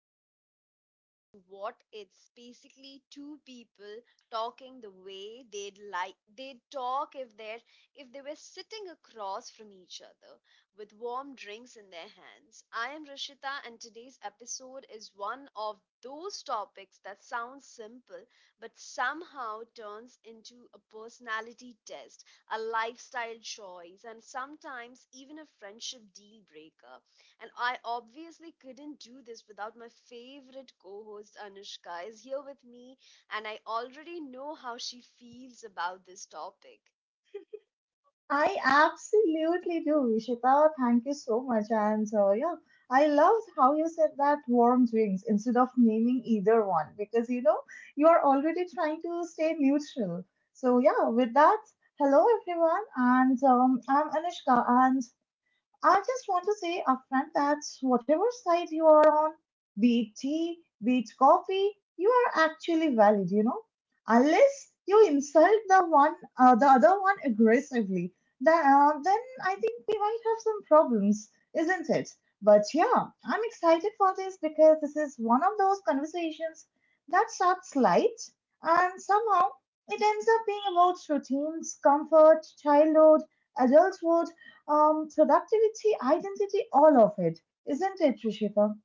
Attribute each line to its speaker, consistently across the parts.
Speaker 1: You have walked into what it's basically two people talking the way they'd talk if they were sitting across from each other with warm drinks in their hands. I am Rishita, and today's episode is one of those topics that sounds simple but somehow turns into a personality test, a lifestyle choice, and sometimes even a friendship deal breaker. And I obviously couldn't do this without my favorite co host Anushka, is here with me, and I already know how she feels about this topic.
Speaker 2: I absolutely do, Vishita. Thank you so much. And yeah, I loved how you said that warm drinks instead of naming either one because you are already trying to stay neutral. So yeah, with that, hello everyone, and I'm Anushka, and I just want to say upfront that whatever side you are on, be it tea, be it coffee, you are actually valid, unless you insult the one, the other one aggressively. That then I think we might have some problems, isn't it? But yeah, I'm excited for this because this is one of those conversations that starts light and somehow it ends up being about routines, comfort, childhood, adulthood, productivity, identity, all of it, isn't it, Trishika?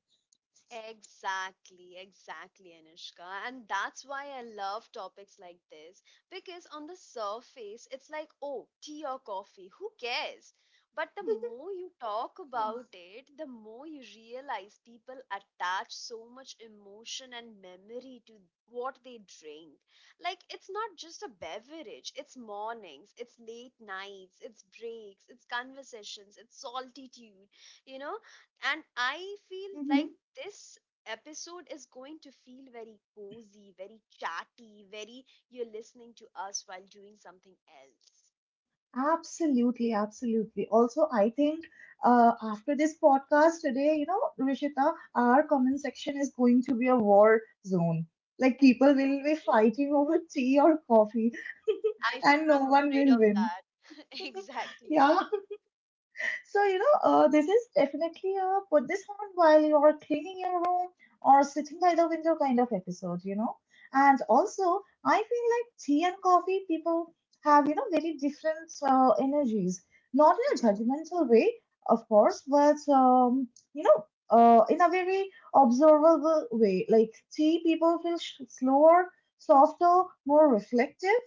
Speaker 1: Exactly, exactly, Anushka. And that's why I love topics like this because on the surface, it's like, oh, tea or coffee, who cares? But the more you talk
Speaker 2: Yeah.
Speaker 1: about it, the more you realize people attach so much emotion and memory to what they drink. Like, it's not just a beverage, it's mornings, it's late nights, it's breaks, it's conversations, it's solitude, you know? And I feel
Speaker 2: Mm-hmm.
Speaker 1: like this episode is going to feel very cozy, very chatty, very you're listening to us while doing something else.
Speaker 2: Absolutely, absolutely. Also, I think after this podcast today, Rishita, our
Speaker 1: Mhm.
Speaker 2: comment section is going to be a war zone. Like people will be
Speaker 1: Hey,
Speaker 2: fighting over tea or coffee,
Speaker 1: I
Speaker 2: and no
Speaker 1: am
Speaker 2: one
Speaker 1: afraid
Speaker 2: will
Speaker 1: of
Speaker 2: win.
Speaker 1: that. Exactly.
Speaker 2: Yeah, so, this is definitely a put this on while you're cleaning your room or sitting by the window kind of episode. And also, I feel like tea and coffee people have, very different energies. Not in a
Speaker 1: Mhm.
Speaker 2: judgmental way, of course, but, you know, in a very observable way. Like tea people feel slower, softer, more reflective,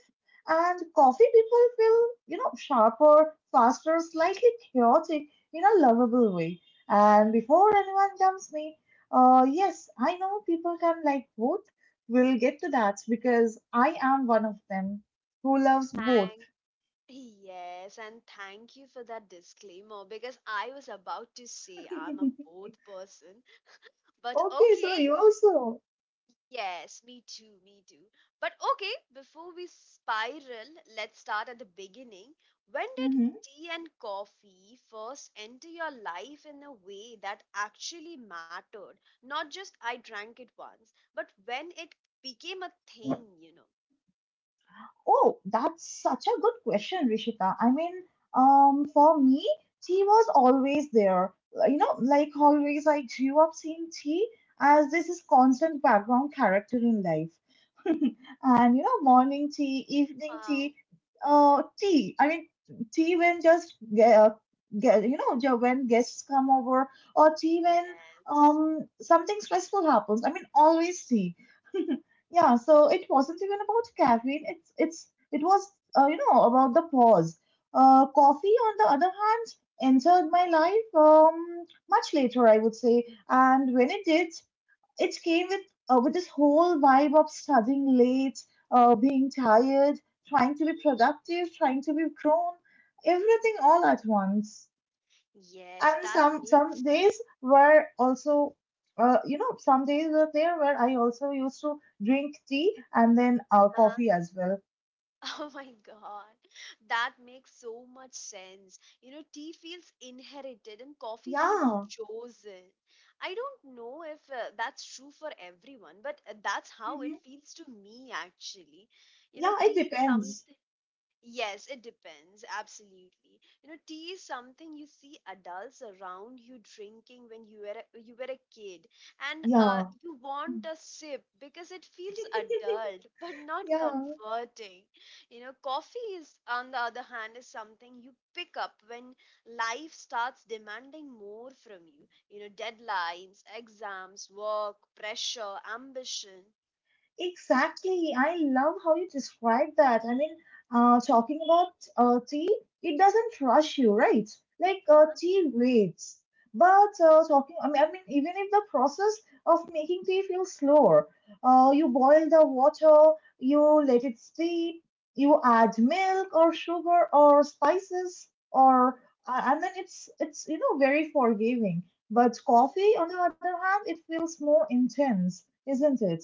Speaker 2: and coffee people feel, sharper, faster, slightly chaotic in a lovable way. And before anyone jumps me, yes, I know people can like both. We'll get to that because I am one of them who loves both.
Speaker 1: Thank Yes, and thank you for that disclaimer because I was about to say I'm a both person, but
Speaker 2: Okay, so
Speaker 1: okay.
Speaker 2: you also.
Speaker 1: Yes, me too, me too. But okay, before we spiral, let's start at the beginning. When did
Speaker 2: Mhm.
Speaker 1: tea and coffee first enter your life in a way that actually mattered? Not just I drank it once, but when it became a thing, you know.
Speaker 2: Oh, that's such a good question, Rishita. I mean, for me, tea was always there. You know, like always, I grew up seeing tea as this is constant background character in life, and morning tea, evening
Speaker 1: Wow.
Speaker 2: tea, tea, I mean tea when just get, when guests come over, or tea when
Speaker 1: Yes.
Speaker 2: something stressful happens. I mean, always tea. Yeah, so it wasn't even about caffeine, it was, about the pause. Uh coffee on the other hand, entered my life much later, I would say. And when it did, it came with this whole vibe of studying late, being tired, trying to be productive, trying to be grown, everything all at once.
Speaker 1: Yes,
Speaker 2: And
Speaker 1: that
Speaker 2: some
Speaker 1: makes
Speaker 2: days were also, some days were there where I also used to drink tea and then coffee as well.
Speaker 1: oh my god, that makes so much sense. You know, tea feels inherited and coffee feels
Speaker 2: Yeah,
Speaker 1: chosen. I don't know if that's true for everyone, but that's how
Speaker 2: hmm,
Speaker 1: it feels to me actually. You know,
Speaker 2: yeah, it
Speaker 1: tea is some
Speaker 2: depends.
Speaker 1: Yes, it depends. Absolutely. You know, tea is something you see adults around you drinking when you were a kid, and
Speaker 2: Yeah,
Speaker 1: you want a sip because it feels adult but not
Speaker 2: yeah.
Speaker 1: comforting. You know, coffee is, on the other hand, is something you pick up when life starts demanding more from you. You know, deadlines, exams, work, pressure, ambition.
Speaker 2: Exactly. I love how you describe that. I mean, talking about tea, it doesn't rush you, right? Like
Speaker 1: Uh-huh.
Speaker 2: tea waits. But I mean, even if the process of making tea feels slower, you boil the water, you let it steep, you add milk or sugar or spices, or
Speaker 1: Mhm,
Speaker 2: and then it's very forgiving. But coffee,
Speaker 1: mhm.
Speaker 2: on the other hand, it feels more intense, isn't it?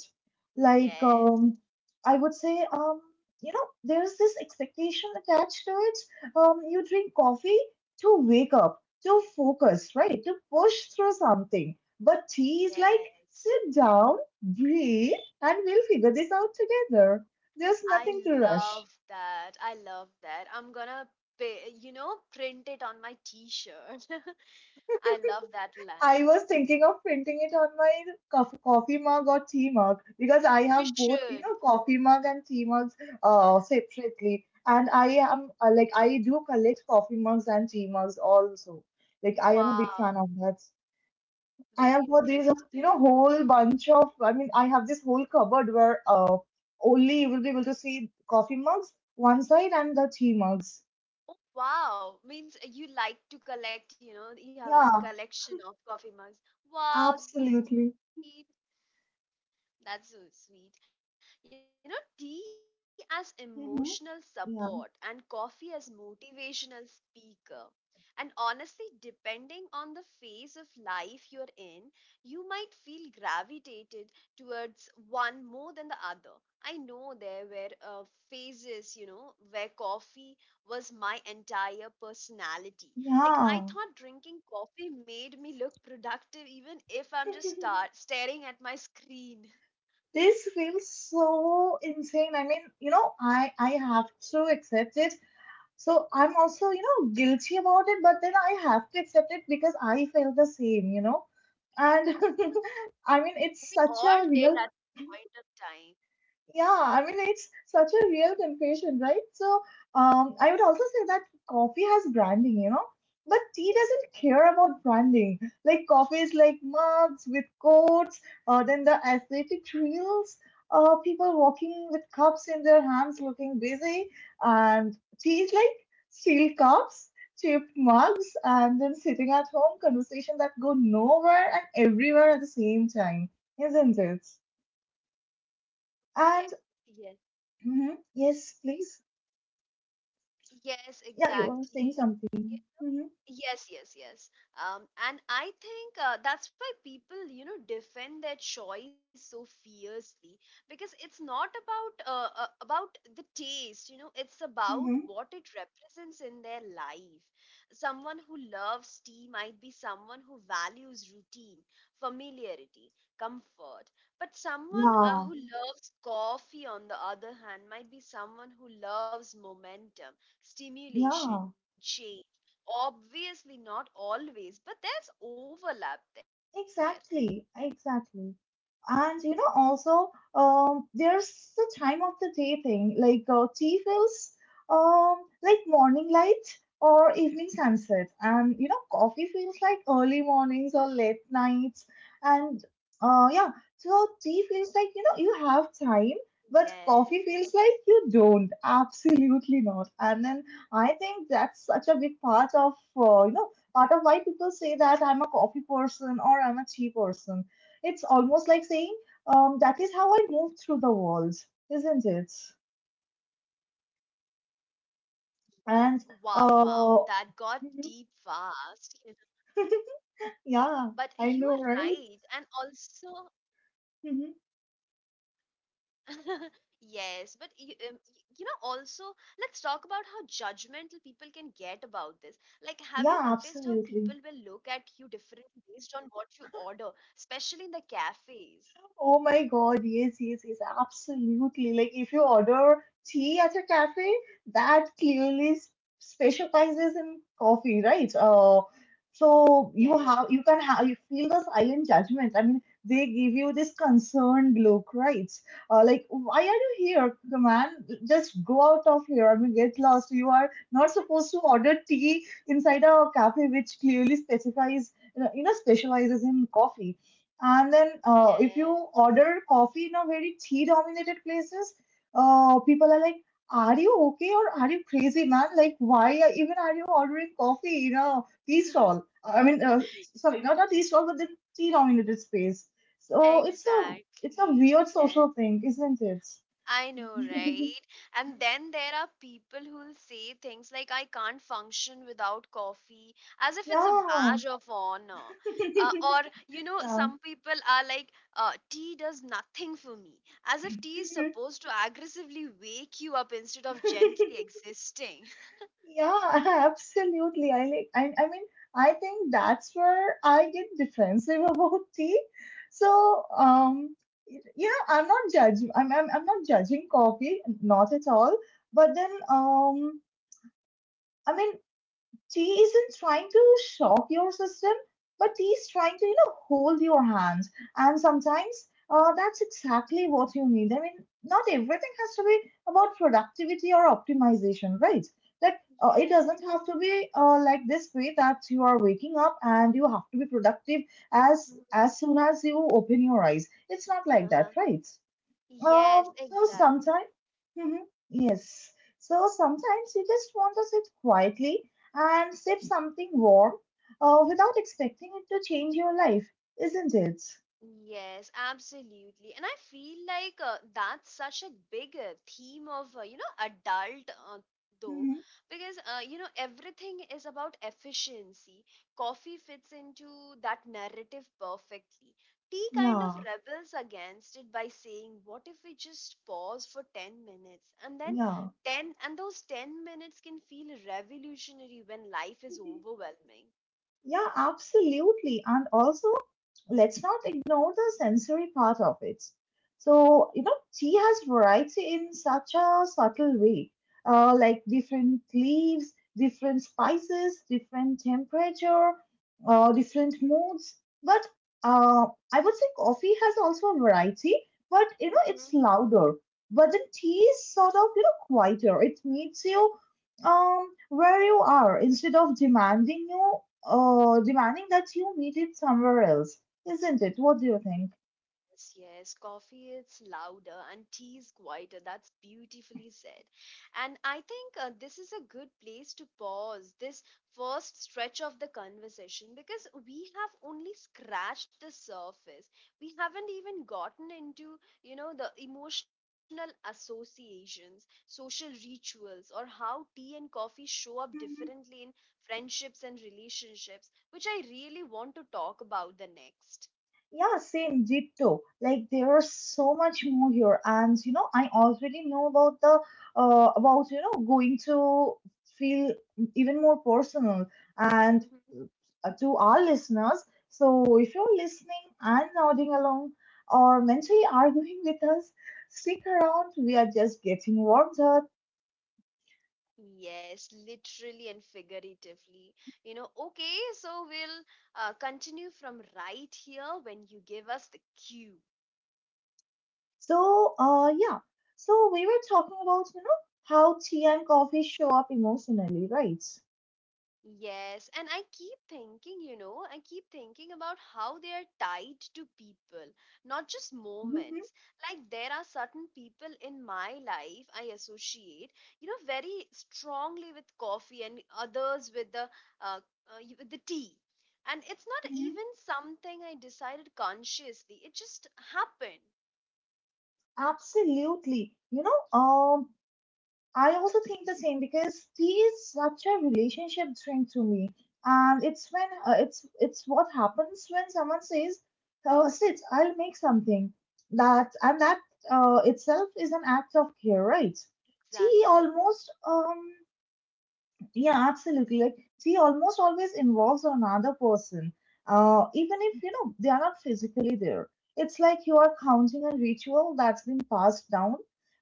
Speaker 2: Like,
Speaker 1: Yes,
Speaker 2: I would say, there's this expectation attached to it. You drink coffee to wake up, to focus, right? To push through something. But tea is like,
Speaker 1: yes.
Speaker 2: sit down, breathe, and we'll figure this out together. There's
Speaker 1: I
Speaker 2: nothing to rush.
Speaker 1: love that. I love that. I'm gonna pay, you know, print it on my t-shirt. I love that
Speaker 2: I
Speaker 1: line.
Speaker 2: was thinking of printing it on my coffee mug or tea mug because I
Speaker 1: You
Speaker 2: have both,
Speaker 1: should.
Speaker 2: coffee mug and tea mugs separately. And I am, like, I do collect coffee mugs and tea mugs also. Like, I am a big fan of
Speaker 1: Wow.
Speaker 2: that. I have
Speaker 1: Very
Speaker 2: got these,
Speaker 1: interesting.
Speaker 2: whole bunch of, I mean, I have this whole cupboard where only you will be able to see coffee mugs one side and the tea mugs.
Speaker 1: Oh, wow. Means you like to collect, you know, you have a
Speaker 2: Yeah,
Speaker 1: collection of coffee mugs. Wow, that's so
Speaker 2: absolutely.
Speaker 1: sweet. That's so sweet. You know, tea as emotional support and
Speaker 2: Hmm,
Speaker 1: coffee as
Speaker 2: yeah,
Speaker 1: motivational speaker. And honestly, depending on the phase of life you're in, you might feel gravitated towards one more than the other. I know there were phases, you know, where coffee was my entire personality. Like, I thought drinking
Speaker 2: yeah.
Speaker 1: coffee made me look productive, even if I'm just staring at my screen.
Speaker 2: This feels so insane. I mean, I have to accept it. So I'm also, guilty about it, but then I have to accept it because I felt the same. And I mean,
Speaker 1: We
Speaker 2: it's such
Speaker 1: all
Speaker 2: a
Speaker 1: did at
Speaker 2: real,
Speaker 1: a point of time.
Speaker 2: yeah, I mean it's such a real confession, right? So I would also say that coffee has branding, but tea doesn't care about branding. Like coffee is like mugs with coats, then the athletic reels, people walking with cups in their hands, looking busy, and tea is like steel cups, chipped mugs, and then sitting at home, conversations that go nowhere and everywhere at the same time, isn't it? And.
Speaker 1: Yes, yes,
Speaker 2: Mm-hmm. Yes, please.
Speaker 1: yes,
Speaker 2: Yeah, you were saying
Speaker 1: exactly.
Speaker 2: something. Mm-hmm.
Speaker 1: Yes, yes, yes. And I think that's why people, you know, defend their choice so fiercely because it's not about about the taste, you know, it's about what
Speaker 2: Mm-hmm.
Speaker 1: it represents in their life. Someone who loves tea might be someone who values routine, familiarity, comfort. But someone
Speaker 2: Yeah,
Speaker 1: who Mhm. loves coffee, on the other hand, might be someone who loves momentum, stimulation,
Speaker 2: yeah.
Speaker 1: change. Obviously, not always, but there's overlap there.
Speaker 2: Exactly, exactly. And also, there's the time of the day thing. Like tea feels um like morning light or evening sunset, and coffee feels like early mornings or late nights. And yeah, so
Speaker 1: Yes.
Speaker 2: tea feels like you have time, but coffee feels like you don't. Absolutely not. And then I think that's such a big part of, part of why people say that I'm a coffee person or I'm a tea person. It's almost like saying that is how I move through the world, isn't it?
Speaker 1: Wow, wow, that got deep
Speaker 2: And
Speaker 1: fast. Yes.
Speaker 2: uh,
Speaker 1: But you are right,
Speaker 2: yeah,
Speaker 1: and
Speaker 2: I know, right?
Speaker 1: also, yes, but
Speaker 2: Hmm,
Speaker 1: you know, also, let's talk about how judgmental people can get about this. Like, have you noticed how people will look at you
Speaker 2: yeah,
Speaker 1: differently based
Speaker 2: absolutely.
Speaker 1: on what you order, especially in the cafes?
Speaker 2: Oh my God, yes, yes, yes, absolutely. Like if you order tea at a cafe that clearly specializes in coffee, right? So
Speaker 1: Yes,
Speaker 2: you have you can have you feel the silent judgment. I mean, they give you this concerned look, right? Like, why are you here, man? Just go out of here. I mean, get lost. You are not supposed to order tea inside a cafe which clearly specializes in coffee, and then, if you
Speaker 1: yes.
Speaker 2: order coffee in a very tea-dominated places, people are like, "Are you okay, or are you crazy, man? Like, even are you ordering coffee in a tea stall? I mean, sorry, not a tea stall, but the tea-dominated space." So it's a
Speaker 1: Exactly,
Speaker 2: weird
Speaker 1: yes.
Speaker 2: social thing, isn't it?
Speaker 1: I know, right? And then there are people who'll say things like, I can't function without coffee, as if it's a
Speaker 2: Yeah,
Speaker 1: badge of honor. Or, you know, some people are like, tea does nothing for me, as if tea is
Speaker 2: yeah.
Speaker 1: supposed to aggressively wake you up instead of gently existing.
Speaker 2: Yeah, absolutely. I mean I think that's where I get defensive about tea. So yeah, I'm not judge I'm not judging coffee, not at all. But then I mean he isn't trying to shock your system, but he's trying to, hold your hands. And sometimes, that's exactly what you need. I mean, not everything has to be about productivity or optimization, right? Like, it
Speaker 1: Yes.
Speaker 2: doesn't have to be like this way that you are waking up and you have to be productive as
Speaker 1: Mhm.
Speaker 2: as soon as you open your eyes. It's not like that,
Speaker 1: Uh-huh.
Speaker 2: right?
Speaker 1: Yes,
Speaker 2: So sometimes,
Speaker 1: exactly.
Speaker 2: Mhm. Yes. So sometimes you just want to sit quietly and sip something warm, without expecting it to change your life, isn't it?
Speaker 1: Yes, absolutely. And I feel like that's such a big theme of, you know, adult though,
Speaker 2: Hmm,
Speaker 1: because, you know, everything is about efficiency. Coffee fits into that narrative perfectly. Tea kind of
Speaker 2: yeah,
Speaker 1: rebels against it by saying, what if we just pause for 10 minutes? And then
Speaker 2: yeah.
Speaker 1: 10, and those 10 minutes can feel revolutionary when life is overwhelming.
Speaker 2: Yeah, absolutely. And also, let's not ignore the sensory part of it. So, tea has variety in such a subtle way, like different leaves, different spices, different temperature, different moods. But uh, I would say coffee has also a variety, but it's louder. But the tea is sort of, quieter. It meets you where you are instead of demanding that you meet it somewhere else, isn't it? What do you think?
Speaker 1: Yes, yes. Coffee is louder and tea is quieter. That's beautifully said. And I think this is a good place to pause this first stretch of the conversation because we have only scratched the surface. We haven't even gotten into, you know, the emotional associations, social rituals, or how tea and coffee show up
Speaker 2: Mhm.
Speaker 1: differently in friendships and relationships, which I really want to talk about the next.
Speaker 2: Yeah, same, deep too. Like there's so much more here, and I already know about going to feel even more personal, and to our listeners. So if you're listening and nodding along or mentally arguing with us, stick around. We are just getting warmed up.
Speaker 1: Yes, literally and figuratively. You know, okay, so we'll continue from right here when you give us the cue.
Speaker 2: So, yeah. So we were talking about, how tea and coffee show up emotionally, right?
Speaker 1: Yes, and I keep thinking about how they are tied to people, not just
Speaker 2: Mm-hmm,
Speaker 1: moments. Like there are certain people in my life I associate, you know, very strongly with coffee and others with the uh, with the tea. And it's not
Speaker 2: mm-hmm.
Speaker 1: even something I decided consciously. It just happened.
Speaker 2: Absolutely. I also think the same because tea is such a relationship drink to me, and
Speaker 1: Hmm.
Speaker 2: it's what happens when someone says, "Oh, sit, I'll make something." That itself is an act of care, right? Tea
Speaker 1: Exactly.
Speaker 2: almost. Yeah, absolutely. Like she almost always involves another person, even if you know they are not physically there. It's like you are counting a ritual that's been passed down.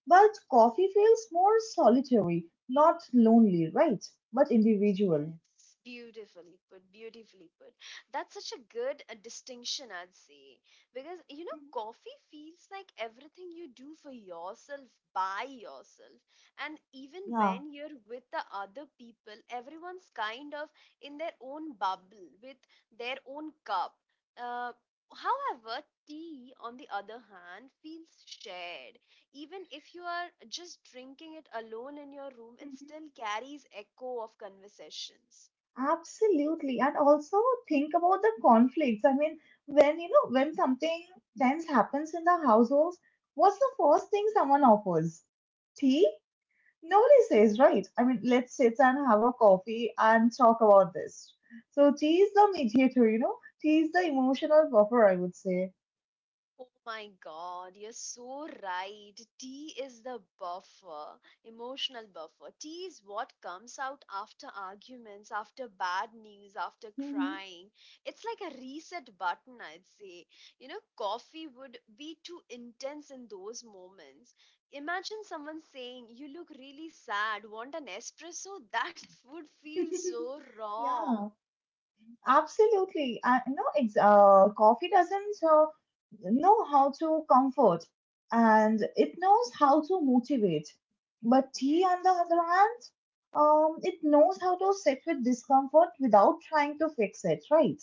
Speaker 2: But coffee feels more solitary, not lonely, right? But individual.
Speaker 1: Yes, beautifully put, beautifully put. That's such a good distinction, I'd say. Because, you know, coffee feels like everything you do for yourself, by yourself. And even
Speaker 2: Yeah.
Speaker 1: when you're with the other people, everyone's kind of in their own bubble with their own cup. Uh, however, tea, on the other hand, feels shared even if you are just drinking it alone in your room, it still carries echo of conversations.
Speaker 2: Absolutely. And also think about the conflicts. I mean, when something tense happens in the households, what's the first thing someone offers? Tea. Nobody says, right? I mean, let's sit and have a coffee and talk about this. So tea is the mediator, you know? Tea is the emotional buffer, I would say.
Speaker 1: Oh my God, you're so right. Tea is the buffer, emotional buffer. Tea is what comes out after arguments, after bad news, after
Speaker 2: Mhm.
Speaker 1: crying. It's like a reset button, I'd say. You know, coffee would be too intense in those moments. Imagine someone saying, you look really sad, want an espresso? That would feel so wrong.
Speaker 2: Yeah, absolutely. I no, ex- Coffee doesn't know how to comfort, and it knows how to motivate. But tea, on the
Speaker 1: Yes,
Speaker 2: other hand, it knows how to sit with discomfort without trying to fix it, right?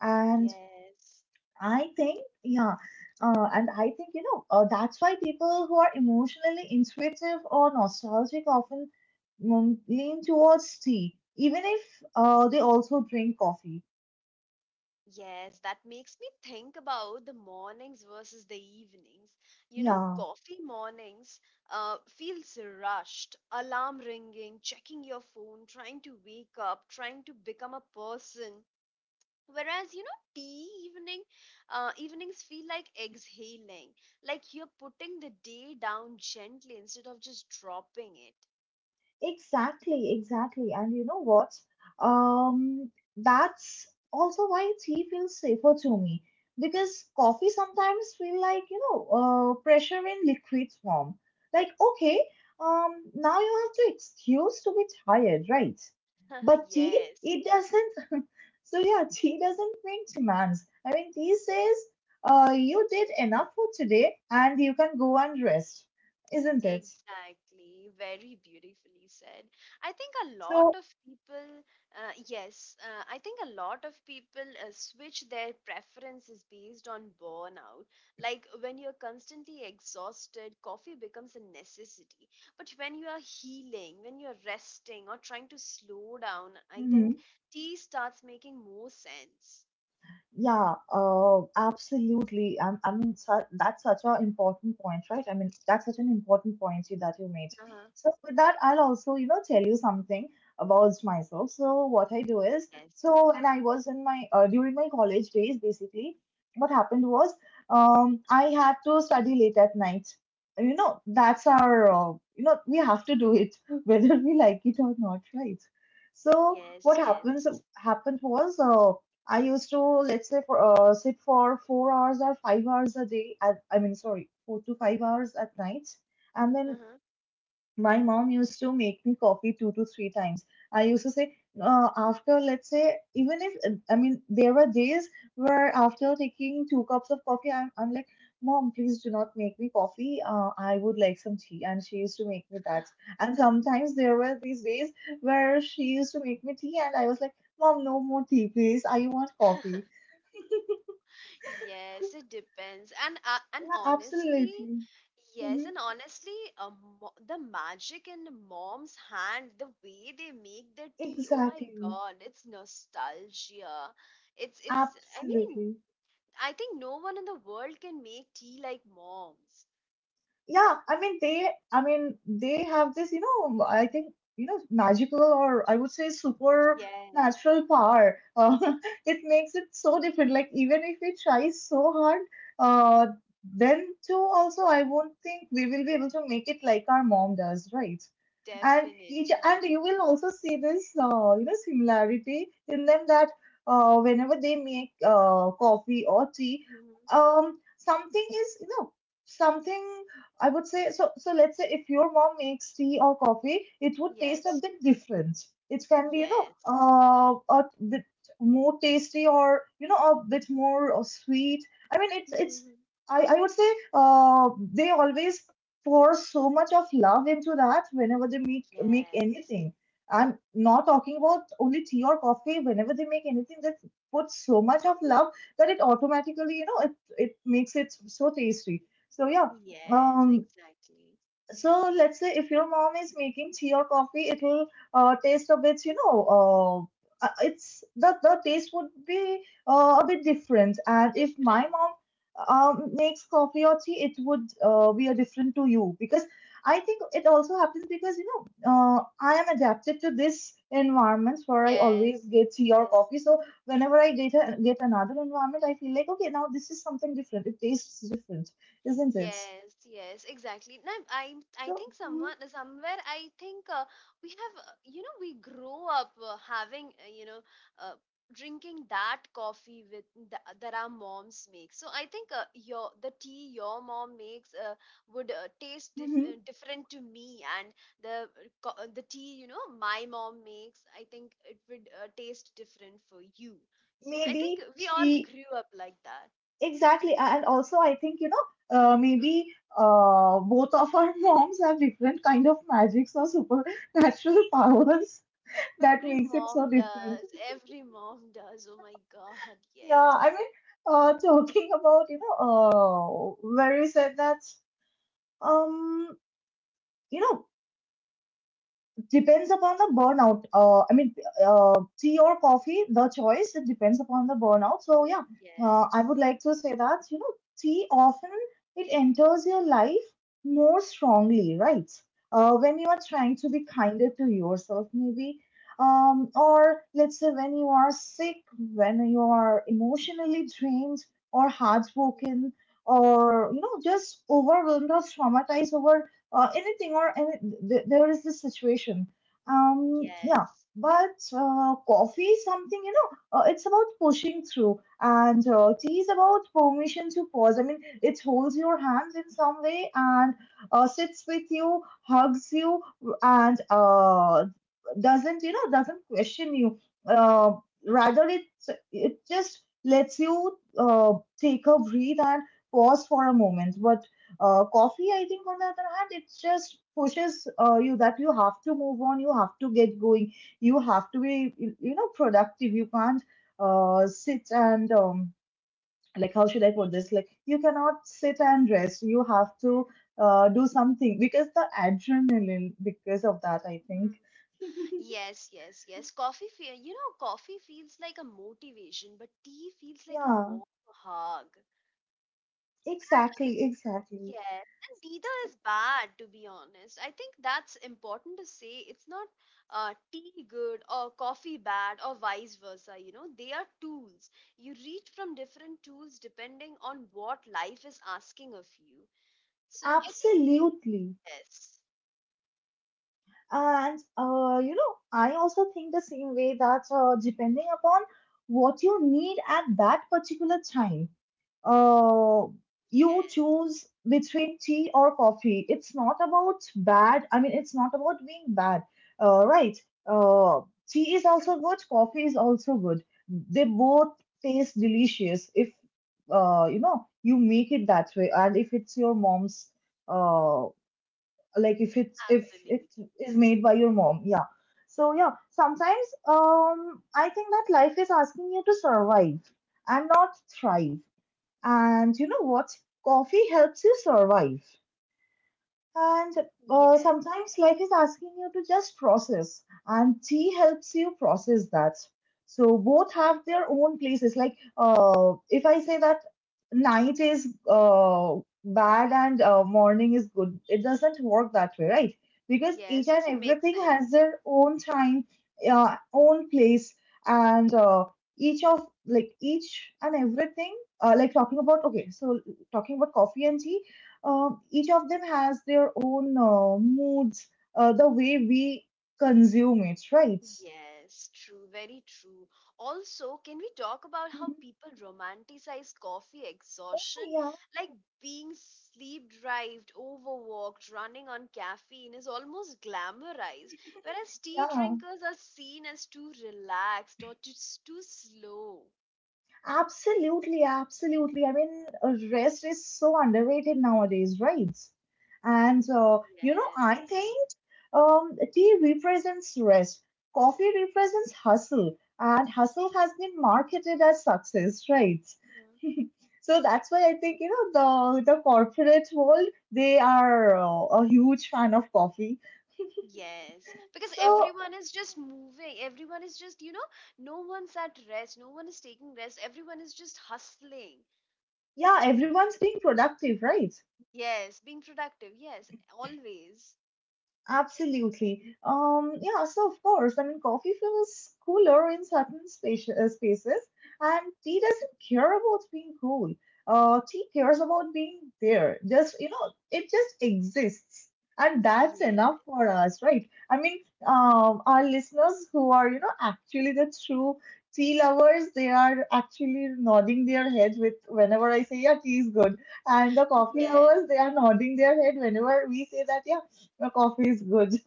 Speaker 2: And
Speaker 1: yes.
Speaker 2: I think, yeah, and I think you know that's why people who are emotionally intuitive or nostalgic often lean towards tea, even if they also drink coffee.
Speaker 1: Yes, that makes me think about the mornings versus the evenings. You know,
Speaker 2: Yeah,
Speaker 1: coffee mornings feels rushed, alarm ringing, checking your phone, trying to wake up, trying to become a person. Whereas, you know, evenings feel like exhaling, like you're putting the day down gently instead of just dropping it.
Speaker 2: exactly, exactly. And you know what? Um, that's also why tea feels safer to me because coffee sometimes feel like, pressure in liquid form. Like, okay, now you have to excuse to be tired, right? But tea,
Speaker 1: Yes.
Speaker 2: it doesn't. So yeah, tea doesn't make demands. I mean, tea says, you did enough for today and you can go and rest, isn't it?
Speaker 1: Exactly, very beautifully said. I think a lot
Speaker 2: So,
Speaker 1: of people, yes, I think a lot of people switch their preferences based on burnout. Like when you're constantly exhausted, coffee becomes a necessity. But when you are healing, when you're resting or trying to slow down, I think
Speaker 2: mm-hmm.
Speaker 1: tea starts making more sense.
Speaker 2: Yeah, absolutely. I mean, that's such an important point, right? I mean, that's such an important point that you made.
Speaker 1: Uh-huh.
Speaker 2: So with that, I'll also, you know, tell you something about myself. So what I do is,
Speaker 1: Yes.
Speaker 2: so when I was in my during my college days, basically, what happened was, I had to study late at night. You know,
Speaker 1: Mhm.
Speaker 2: that's our, you know, we have to do it whether we like it or not, right?
Speaker 1: Yes,
Speaker 2: So what
Speaker 1: yes.
Speaker 2: happens happened was. I used to, let's say, for sit for 4 hours or 5 hours a day. I mean, sorry, 4 to 5 hours at night. And then
Speaker 1: Mm-hmm.
Speaker 2: my mom used to make me coffee 2 to 3 times. I used to say, after, let's say, even if, I mean, there were days where after taking 2 cups of coffee, I'm like, Mom, please do not make me coffee. I would like some tea. And she used to make me that. And sometimes there were these days where she used to make me tea, and I was like, Mom, no more tea, please. I want coffee.
Speaker 1: Yes, it depends. And
Speaker 2: Yeah,
Speaker 1: honestly,
Speaker 2: absolutely.
Speaker 1: yes,
Speaker 2: Hmm.
Speaker 1: and honestly, uh, the magic in mom's hand, the way they make the tea, oh my
Speaker 2: Exactly.
Speaker 1: God, it's nostalgia. It's it's I mean,
Speaker 2: Absolutely.
Speaker 1: I think no one in the world can make tea like moms.
Speaker 2: Yeah, I mean they have this you know I think you know magical or I would say
Speaker 1: Yes,
Speaker 2: supernatural power it makes it so different, like even if we try so hard, uh, then too also I won't think we will be able to make it like our mom does, right? And
Speaker 1: definitely,
Speaker 2: each and you
Speaker 1: definitely.
Speaker 2: will also see this similarity in them that whenever they make coffee or tea,
Speaker 1: Mhm.
Speaker 2: um something is you know something, I would say. So. So let's say if your mom makes tea or coffee, it would taste a
Speaker 1: Yes,
Speaker 2: bit different. It can be, you know,
Speaker 1: yes.
Speaker 2: a bit more tasty or you know a bit more sweet. I mean, it's it's.
Speaker 1: Mhm.
Speaker 2: I would say they always pour so much of love into that whenever they make
Speaker 1: Yes,
Speaker 2: anything. I'm not talking about only tea or coffee. Whenever they make anything, they put so much of love that it automatically it makes it so tasty. So yeah,
Speaker 1: yes,
Speaker 2: um
Speaker 1: exactly.
Speaker 2: so let's say if your mom is making tea or coffee, it will taste a bit, you know, it's the taste would be a bit different. And if my
Speaker 1: Different.
Speaker 2: mom makes coffee or tea, it would be a different to you because I think it also happens because I am adapted to this environment where I
Speaker 1: Yes.
Speaker 2: always get tea or
Speaker 1: Yes.
Speaker 2: coffee. So whenever I get get another environment, I feel like okay, now this is something different. It tastes different, isn't it?
Speaker 1: Yes, yes, exactly. Now, I
Speaker 2: So.
Speaker 1: think someone somewhere I think we have you know we grow up having uh, drinking that coffee with that our moms make. So I think your the tea your mom makes would taste
Speaker 2: Mhm, mhm.
Speaker 1: different to me, and the the tea you know my mom makes I think it would taste different for you. So I think
Speaker 2: maybe
Speaker 1: we all
Speaker 2: she
Speaker 1: grew up like that.
Speaker 2: Exactly, and also I think you know, maybe both of our moms have different kind of magics or supernatural powers that
Speaker 1: Every
Speaker 2: makes it
Speaker 1: mom
Speaker 2: so different.
Speaker 1: does. Every mom does. Oh my God. Yes.
Speaker 2: Yeah, I mean, talking about where you said that, um you know, depends upon the burnout. I mean, tea or coffee, the choice, it depends upon the burnout. So, yeah,
Speaker 1: Yes.
Speaker 2: I would like to say that, you know, tea often it enters your life more strongly, right? When you are trying to
Speaker 1: Yes.
Speaker 2: be kinder to yourself, maybe, or let's say when you are sick, when you are emotionally drained or
Speaker 1: Mhm.
Speaker 2: heartbroken, or you know, just overwhelmed or traumatized over anything or any, th- there is this situation. Yeah,
Speaker 1: Yes.
Speaker 2: but coffee is something, you know, it's about pushing through, and tea is about permission to pause. I mean, it holds your hands in some way and sits with you, hugs you, and doesn't, you know, doesn't question you. Uh, rather, it just lets you take a breath and pause for a moment. But coffee, I think, on the other hand, it just pushes you that you have to move on, you have to get going, you
Speaker 1: Yes.
Speaker 2: have to be, you know, productive. You can't sit and, like, how should I put this? Like, you cannot sit and rest. You have to do something because the adrenaline, because of that, I
Speaker 1: Hmm.
Speaker 2: think.
Speaker 1: Yes, yes, yes. Coffee feel, you know, coffee feels like a motivation, but tea feels like a
Speaker 2: Yeah,
Speaker 1: warm hug.
Speaker 2: exactly, exactly.
Speaker 1: Yes, and neither is bad, to be honest. I think that's important to say. It's not tea good or coffee bad or vice versa. You know, they are tools. You reach from different tools depending on what life is asking of you. So I think
Speaker 2: Absolutely.
Speaker 1: yes,
Speaker 2: And you know, I also think the same way that depending upon what you need at that particular time, uh,
Speaker 1: yes,
Speaker 2: you choose between tea or coffee. It's not about bad. I mean, it's not about being bad, right? Uh, tea is also good. Coffee is also good. They both taste delicious if you know you make it that way, and if it's your mom's. Uh, like if it
Speaker 1: absolutely.
Speaker 2: is made by your mom. Yeah, so yeah, sometimes I think that life is asking you to survive and not thrive, and you know what, coffee helps you survive, and
Speaker 1: Yes,
Speaker 2: sometimes life is asking you to just process, and tea helps you process that. So both have their own places. Like if I say that night is bad and morning is good, it doesn't work that way, right? Because
Speaker 1: yes,
Speaker 2: each and
Speaker 1: doesn't make
Speaker 2: everything
Speaker 1: sense.
Speaker 2: has their own time, own place, and each and everything. Uh, like talking about okay, so talking about coffee and tea, each of them has their own moods, the way we consume it, right?
Speaker 1: Yes, true, very true. Also, can we talk about how
Speaker 2: Mhm.
Speaker 1: people romanticize coffee exhaustion?
Speaker 2: Yeah,
Speaker 1: Like being sleep deprived, overworked, running on caffeine is almost glamorized, whereas tea
Speaker 2: yeah.
Speaker 1: drinkers are seen as too relaxed or just too slow.
Speaker 2: Absolutely, absolutely. I mean, rest is so underrated nowadays, right? And you know,
Speaker 1: Yes.
Speaker 2: I think tea represents rest, coffee represents hustle, and hustle has been marketed as success, right?
Speaker 1: Mhm.
Speaker 2: So that's why I think you know the corporate world they are a huge fan of coffee.
Speaker 1: Yes, because
Speaker 2: So
Speaker 1: everyone is just moving. Everyone is just, you know, no one's at rest. No one is taking rest. Everyone is just hustling.
Speaker 2: yeah, everyone's being productive, right?
Speaker 1: Yes, being productive. Yes, always.
Speaker 2: Absolutely. Yeah, so of course, I mean, coffee feels cooler in certain spaces, and tea doesn't care about being cool. Tea cares about being there. Just, you know, it just exists. And that's enough
Speaker 1: Yes.
Speaker 2: for us, right? I mean, our listeners who are, you know, actually the true tea lovers, they are actually nodding their head with whenever I say, yeah, tea is good. And the coffee
Speaker 1: Yes,
Speaker 2: lovers, they are nodding their head whenever we say that, yeah your coffee is good.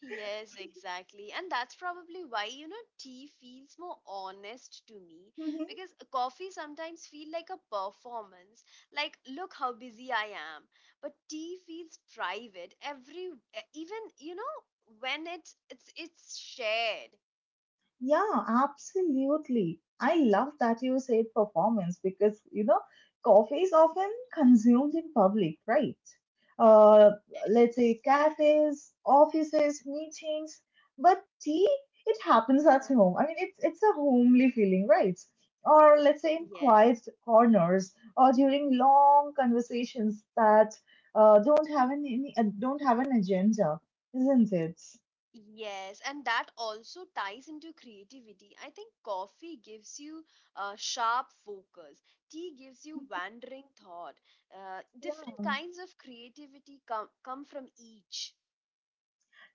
Speaker 1: yes, exactly. And that's probably why, you know, tea feels more honest to me
Speaker 2: Mhm.
Speaker 1: because coffee sometimes feel like a performance, like look how busy I am. But tea feels private, even you know, when it's shared.
Speaker 2: Yeah, absolutely. I love that you said performance because, you know, coffee is often consumed in public, right? Uh, let's
Speaker 1: Yes.
Speaker 2: say cafes, offices, meetings, but tea, it
Speaker 1: Uh-huh.
Speaker 2: happens at home. I mean, it's a homely feeling, right? Or let's say in quiet corners or during long conversations that don't have an agenda, isn't it?
Speaker 1: Yes, and that also ties into creativity. I think coffee gives you sharp focus, tea gives you
Speaker 2: Hmm.
Speaker 1: wandering thought. Different
Speaker 2: Yeah.
Speaker 1: kinds of creativity come from each.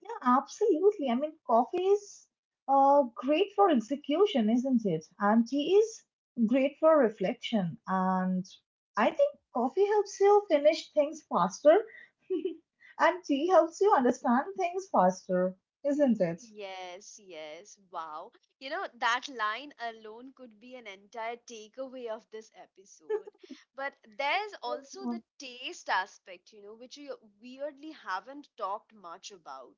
Speaker 2: Yeah, absolutely. I mean, coffee is great for execution, isn't it? And tea is great for reflection. And I think coffee helps you finish things faster, and tea helps you understand things faster, isn't it?
Speaker 1: Yes, yes, wow. You know, that line alone could be an entire takeaway of this episode. But there's also the taste aspect, you know, which we weirdly haven't talked much about.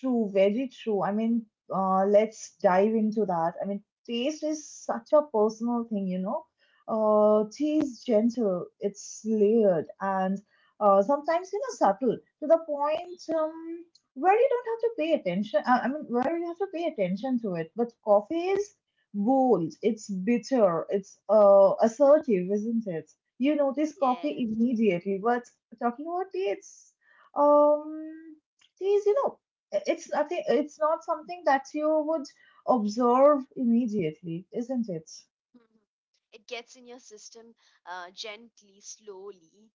Speaker 2: True, very true. I mean, let's dive into that. I mean, taste is such a personal thing, you know. Tea is gentle, it's layered, and sometimes, you know, subtle to the point where you don't have to pay attention. I mean, where you have to pay attention to it. But coffee is bold, it's bitter, it's assertive, isn't it? You notice coffee
Speaker 1: Yes.
Speaker 2: immediately, but talking about tea, it's um, tea is, you know, it's nothing, it's not something that you would observe immediately, isn't it?
Speaker 1: Mhm. It gets in your system gently, slowly.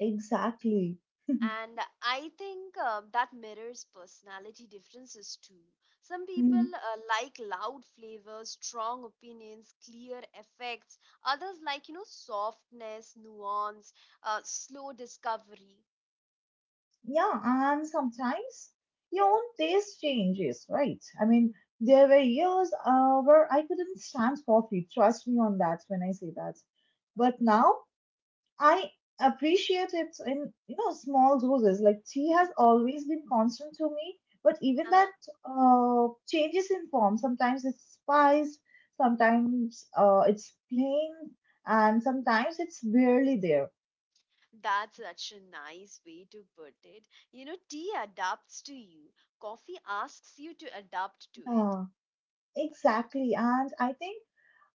Speaker 2: Exactly.
Speaker 1: And I think that mirrors personality differences too. Some people
Speaker 2: Mhm.
Speaker 1: like loud flavors, strong opinions, clear effects. Others like, you know, softness, nuance, slow discovery.
Speaker 2: Yeah, and sometimes your own taste changes, right? I mean, there were years where I couldn't stand coffee. Trust me on that when I say that. But now I appreciate it in you know small doses. Like tea
Speaker 1: Mhm.
Speaker 2: has always been constant to me, but even that
Speaker 1: Uh-huh.
Speaker 2: changes in form. Sometimes it's spiced, sometimes it's plain, and sometimes it's barely there.
Speaker 1: That's such a nice way to put it. You know, tea adapts to you, coffee asks you to adapt to it.
Speaker 2: Yeah, exactly. And I think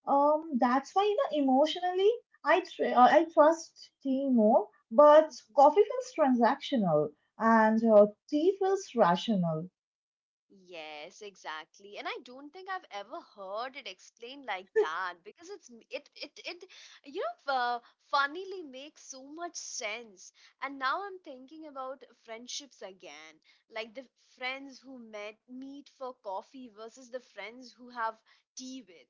Speaker 2: that's why you know emotionally I trust tea more, but coffee feels transactional and tea feels rational.
Speaker 1: Yes, exactly. And I don't think I've ever heard it explained like that because it's m- it you know funnily makes so much sense. And now I'm thinking about friendships again, like the friends who met meet for coffee versus the friends who have tea with.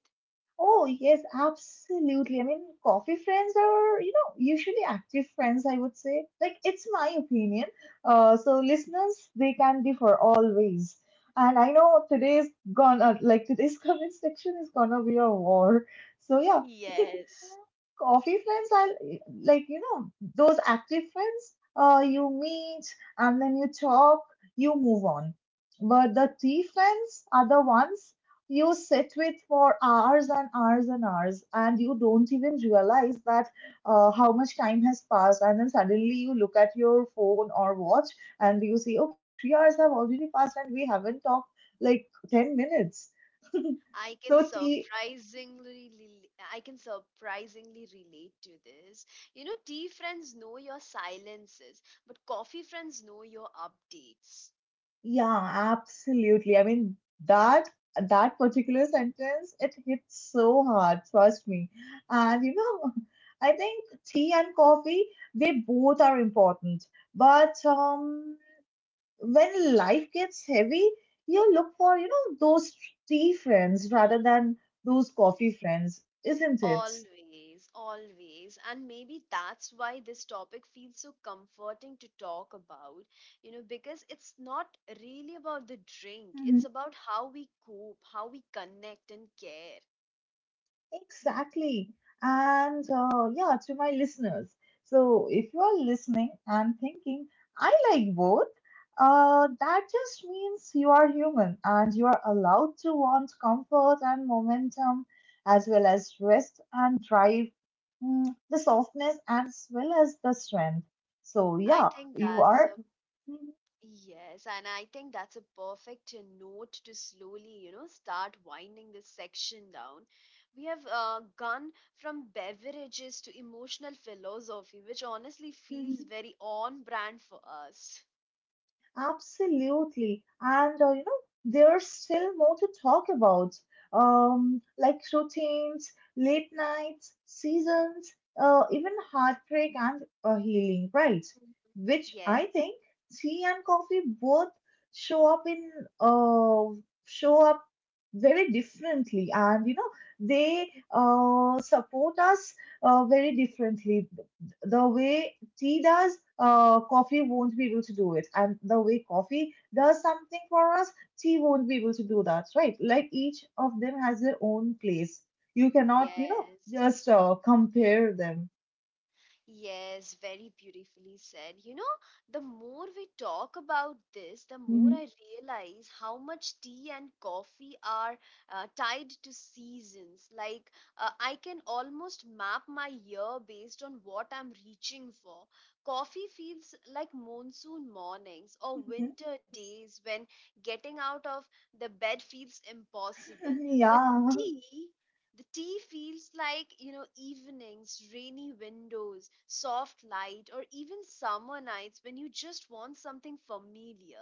Speaker 2: Oh, yes, absolutely. I mean, coffee friends are, you know, usually active friends, I would say. Like, it's my opinion. So listeners, they can differ always. And I know today's comment section is gonna be a war. So yeah,
Speaker 1: Yes.
Speaker 2: coffee friends are like you know those active friends you meet and then you talk you move on, but the tea friends are the ones you sit with for hours and hours and hours and you don't even realize that how much time has passed. And then suddenly you look at your phone or watch and you see okay, 3 hours have already passed and we haven't talked like 10 minutes.
Speaker 1: I can
Speaker 2: So tea.
Speaker 1: surprisingly I can surprisingly relate to this. You know, tea friends know your silences, but coffee friends know your updates.
Speaker 2: Yeah, absolutely. I mean, that that particular sentence, it hits so hard, trust me. And you know, I think tea and coffee, they both are important. But when life gets heavy, you look for, you know, those tea friends rather than those coffee friends, isn't it?
Speaker 1: Always, always. And maybe that's why this topic feels so comforting to talk about, you know, because it's not really about the drink,
Speaker 2: Mm-hmm.
Speaker 1: it's about how we cope, how we connect and care.
Speaker 2: Exactly. And yeah, to my listeners. So if you are listening and thinking, I like both, that just means you are human and you are allowed to want comfort and momentum, as well as rest and drive, the softness as well as the strength. So
Speaker 1: I
Speaker 2: yeah,
Speaker 1: think
Speaker 2: you
Speaker 1: that's
Speaker 2: are.
Speaker 1: a Yes, and I think that's a perfect note to slowly, you know, start winding this section down. We have gone from beverages to emotional philosophy, which honestly feels very on brand for us.
Speaker 2: Absolutely. And you know, there's still more to talk about, like routines, late nights, seasons, even heartbreak and healing, right?
Speaker 1: Mhm.
Speaker 2: Which
Speaker 1: Yes,
Speaker 2: I think tea and coffee both show up in uh, show up very differently, and you know, they support us very differently. The way tea does, coffee won't be able to do it. And the way coffee does something for us, tea won't be able to do that, right? Like each of them has their own place. You cannot, you know,
Speaker 1: yes.
Speaker 2: just compare them.
Speaker 1: Yes, very beautifully said. You know, the more we talk about this, the more
Speaker 2: Mhm.
Speaker 1: I realize how much tea and coffee are tied to seasons. Like, I can almost map my year based on what I'm reaching for. Coffee feels like monsoon mornings or
Speaker 2: Mhm.
Speaker 1: winter days when getting out of the bed feels impossible. But
Speaker 2: Yeah.
Speaker 1: tea the tea feels like, you know, evenings, rainy windows, soft light, or even summer nights when you just want something familiar.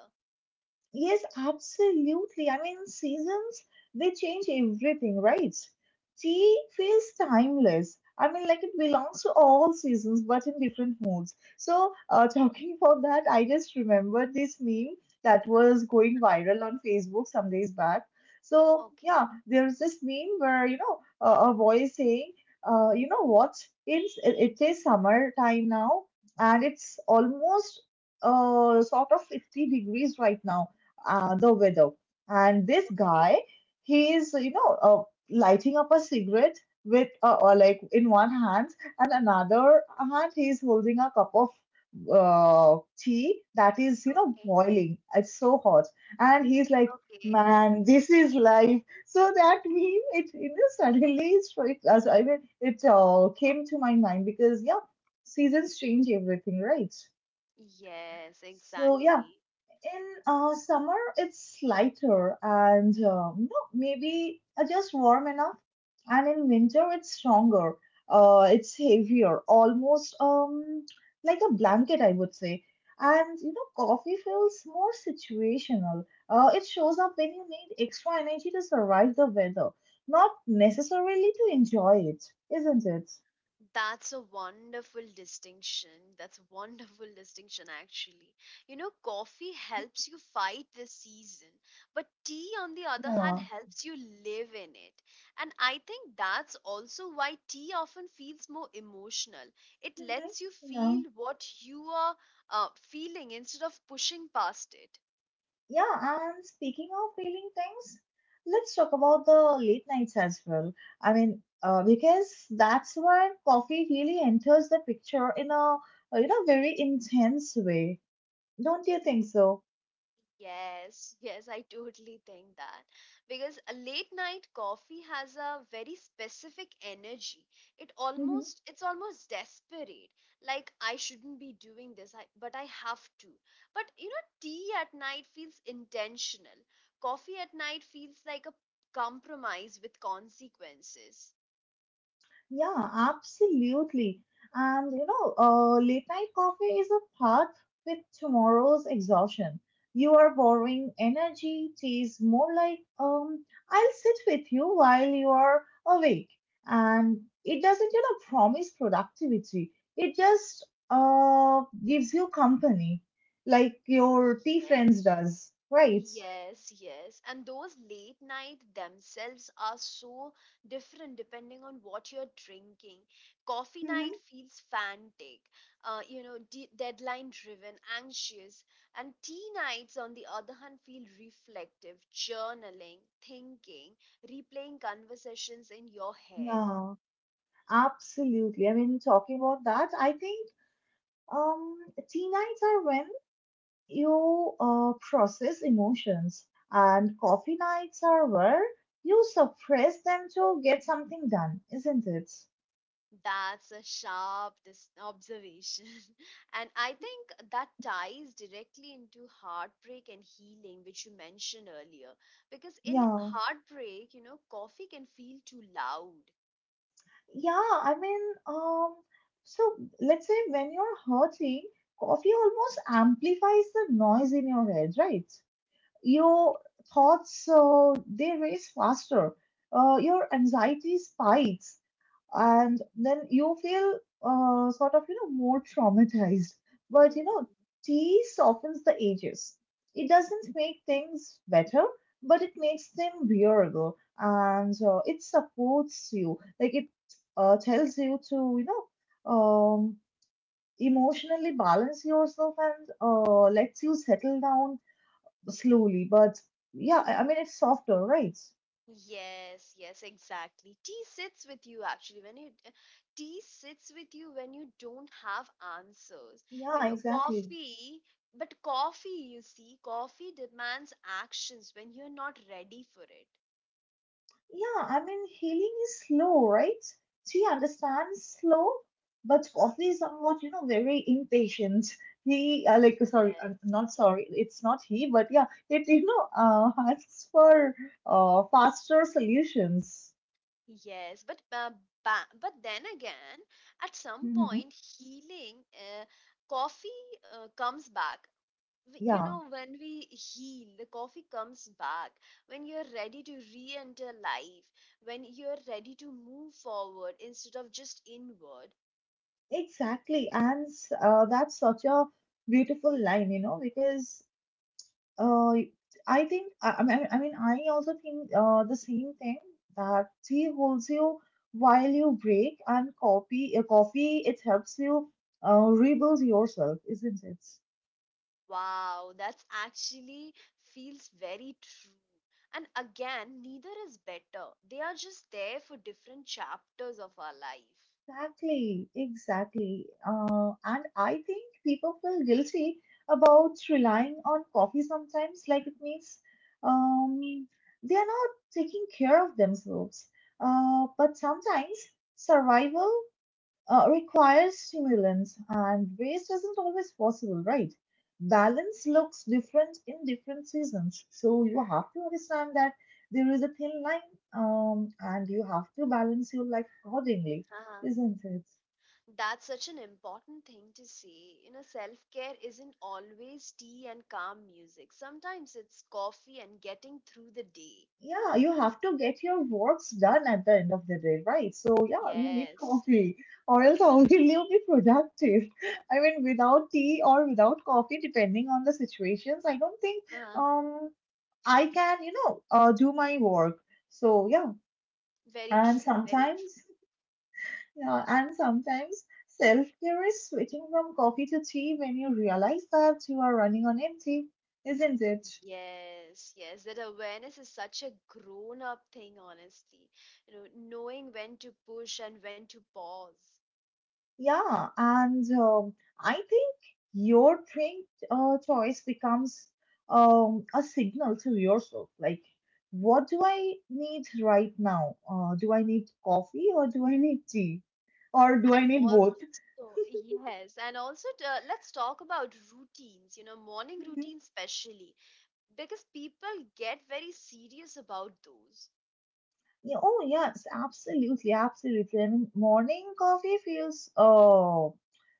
Speaker 2: Yes, absolutely. I mean, seasons, they change everything, right? Tea feels timeless. I mean, like it belongs to all seasons, but in different moods. So, talking about that, I just remembered this meme that was
Speaker 1: Mhm.
Speaker 2: going viral on Facebook some days back. So, yeah,
Speaker 1: Okay.
Speaker 2: there's this meme where, you know, a boy is saying, you know what? It is summertime now, and it's almost sort of 50 degrees right now the widow. And this
Speaker 1: Okay,
Speaker 2: guy, he is, you know, lighting up a cigarette with, or like in one hand, and another hand, he is holding a cup of tea that is, you know,
Speaker 1: okay,
Speaker 2: boiling. It's so hot. And he's like,
Speaker 1: okay.
Speaker 2: man, this is life. So that meme, it, you know, suddenly, I mean, it came to my mind because, yeah, seasons change everything, right?
Speaker 1: Yes,
Speaker 2: So, yeah,
Speaker 1: exactly.
Speaker 2: in summer, it's lighter and no, maybe just warm enough. And in winter, it's stronger. It's heavier, almost like a blanket, I would say. And you know, coffee feels more situational. It shows up when you need extra energy to survive the weather, not necessarily to enjoy it, isn't it?
Speaker 1: That's a wonderful distinction. That's a wonderful distinction, actually. You know, coffee helps you fight the season, but tea, on the other hand,
Speaker 2: Yeah.
Speaker 1: helps you live in it. And I think that's also why tea often feels more emotional. It
Speaker 2: Hmm.
Speaker 1: lets you
Speaker 2: Yeah.
Speaker 1: feel what you are feeling instead of pushing past it.
Speaker 2: Yeah, and speaking of feeling things, let's talk about the late nights as well. I mean, because that's where coffee really enters the picture in a, you know, very intense way. Don't you think so?
Speaker 1: Yes, yes, I totally think that. Because a late night coffee has a very specific energy. It almost it's almost desperate. Like I shouldn't be doing this, but I have to. But you know, tea at night feels intentional. Coffee at night feels like a compromise with consequences.
Speaker 2: Yeah, absolutely. And you know, late night coffee is a path with tomorrow's exhaustion. You are borrowing energy, tea is more like, I'll sit with you while you are awake. And it doesn't, you know, promise productivity. It just gives you company, like your tea
Speaker 1: Yes.
Speaker 2: friends does, right?
Speaker 1: Yes, yes. And those late night themselves are so different depending on what you're drinking. Coffee night
Speaker 2: Hmm.
Speaker 1: feels frantic, you know, deadline driven, anxious. And tea nights, on the other hand, feel reflective, journaling, thinking, replaying conversations in your head.
Speaker 2: Yeah, absolutely. I mean, talking about that, I think, Um, tea nights are when you process emotions, and coffee nights are where you suppress them to get something done, isn't it?
Speaker 1: That's a observation. And I think that ties directly into heartbreak and healing, which you mentioned earlier. Because in
Speaker 2: Yeah,
Speaker 1: heartbreak, you know, coffee can feel too loud.
Speaker 2: yeah. I mean, um, so let's say when you're hurting, coffee almost amplifies the noise in your head, right? Your thoughts, they race faster. Your anxiety spikes and then you feel sort of you know more traumatized, but you
Speaker 1: Mhm.
Speaker 2: know tea softens the edges. It doesn't make things better, but it makes them bearable. And it supports you, like it tells you to you know emotionally balance yourself and lets you settle down slowly. But yeah, I mean, it's softer, right?
Speaker 1: Yes, yes, exactly. Tea sits with you when you don't have answers. You
Speaker 2: Yeah,
Speaker 1: know,
Speaker 2: exactly.
Speaker 1: coffee, but coffee, you see, coffee demands actions when you're not ready for it.
Speaker 2: Yeah, I mean, healing is slow, right? She understands slow, but coffee is somewhat, you know, very impatient. He, like,
Speaker 1: Yes,
Speaker 2: sorry, I'm not sorry, it's not he, but yeah, it, you know, asks for faster solutions.
Speaker 1: yes, but ba but then again, at some
Speaker 2: Hmm.
Speaker 1: point, healing, coffee comes back. You
Speaker 2: Yeah,
Speaker 1: know, when we heal, the coffee comes back. When you're ready to re-enter life, when you're ready to move forward instead of just inward.
Speaker 2: exactly. And that's such a beautiful line, you know, because, Uh, I think I mean I mean I also think the same thing, that tea holds you while you break, and coffee, it helps you rebuild yourself, isn't it?
Speaker 1: Wow, that's actually feels very true. And again, neither is better. They are just there for different chapters of our life.
Speaker 2: Exactly, exactly. And I think people feel guilty about relying on coffee sometimes, like it means um, they are not taking care of themselves. But sometimes survival requires stimulants, and waste isn't always possible, right? Balance looks different in different seasons, so you have to understand that there is a thin line, and you have to balance your life accordingly, isn't it?
Speaker 1: That's such an important thing to say. You know, self care isn't always tea and calm music. Sometimes it's coffee and getting through the day.
Speaker 2: Yeah, you have to get your works done at the end of the day, right? So, yeah, you need
Speaker 1: Yes.
Speaker 2: coffee, or else how will you be productive? I mean, without tea or without coffee, depending on the situations, I don't think.
Speaker 1: Uh-huh.
Speaker 2: Um, I can, you know, do my work. So
Speaker 1: Very
Speaker 2: and
Speaker 1: true. Very
Speaker 2: sometimes,
Speaker 1: true.
Speaker 2: yeah, and sometimes self-care is switching from coffee to tea when you realize that you are running on empty, isn't it?
Speaker 1: Yes, yes. That awareness is such a grown up thing, honestly. You know, knowing when to push and when to pause.
Speaker 2: Yeah, and I think your drink choice becomes a signal to yourself, like. What do I need right now? Do I need coffee or do I need tea? Or do I
Speaker 1: And
Speaker 2: need both?
Speaker 1: also, yes, and also, to, let's talk about routines, you know, morning routine, especially, because people get very serious about those.
Speaker 2: Yeah, oh, yes, absolutely, absolutely. I mean, morning coffee feels oh,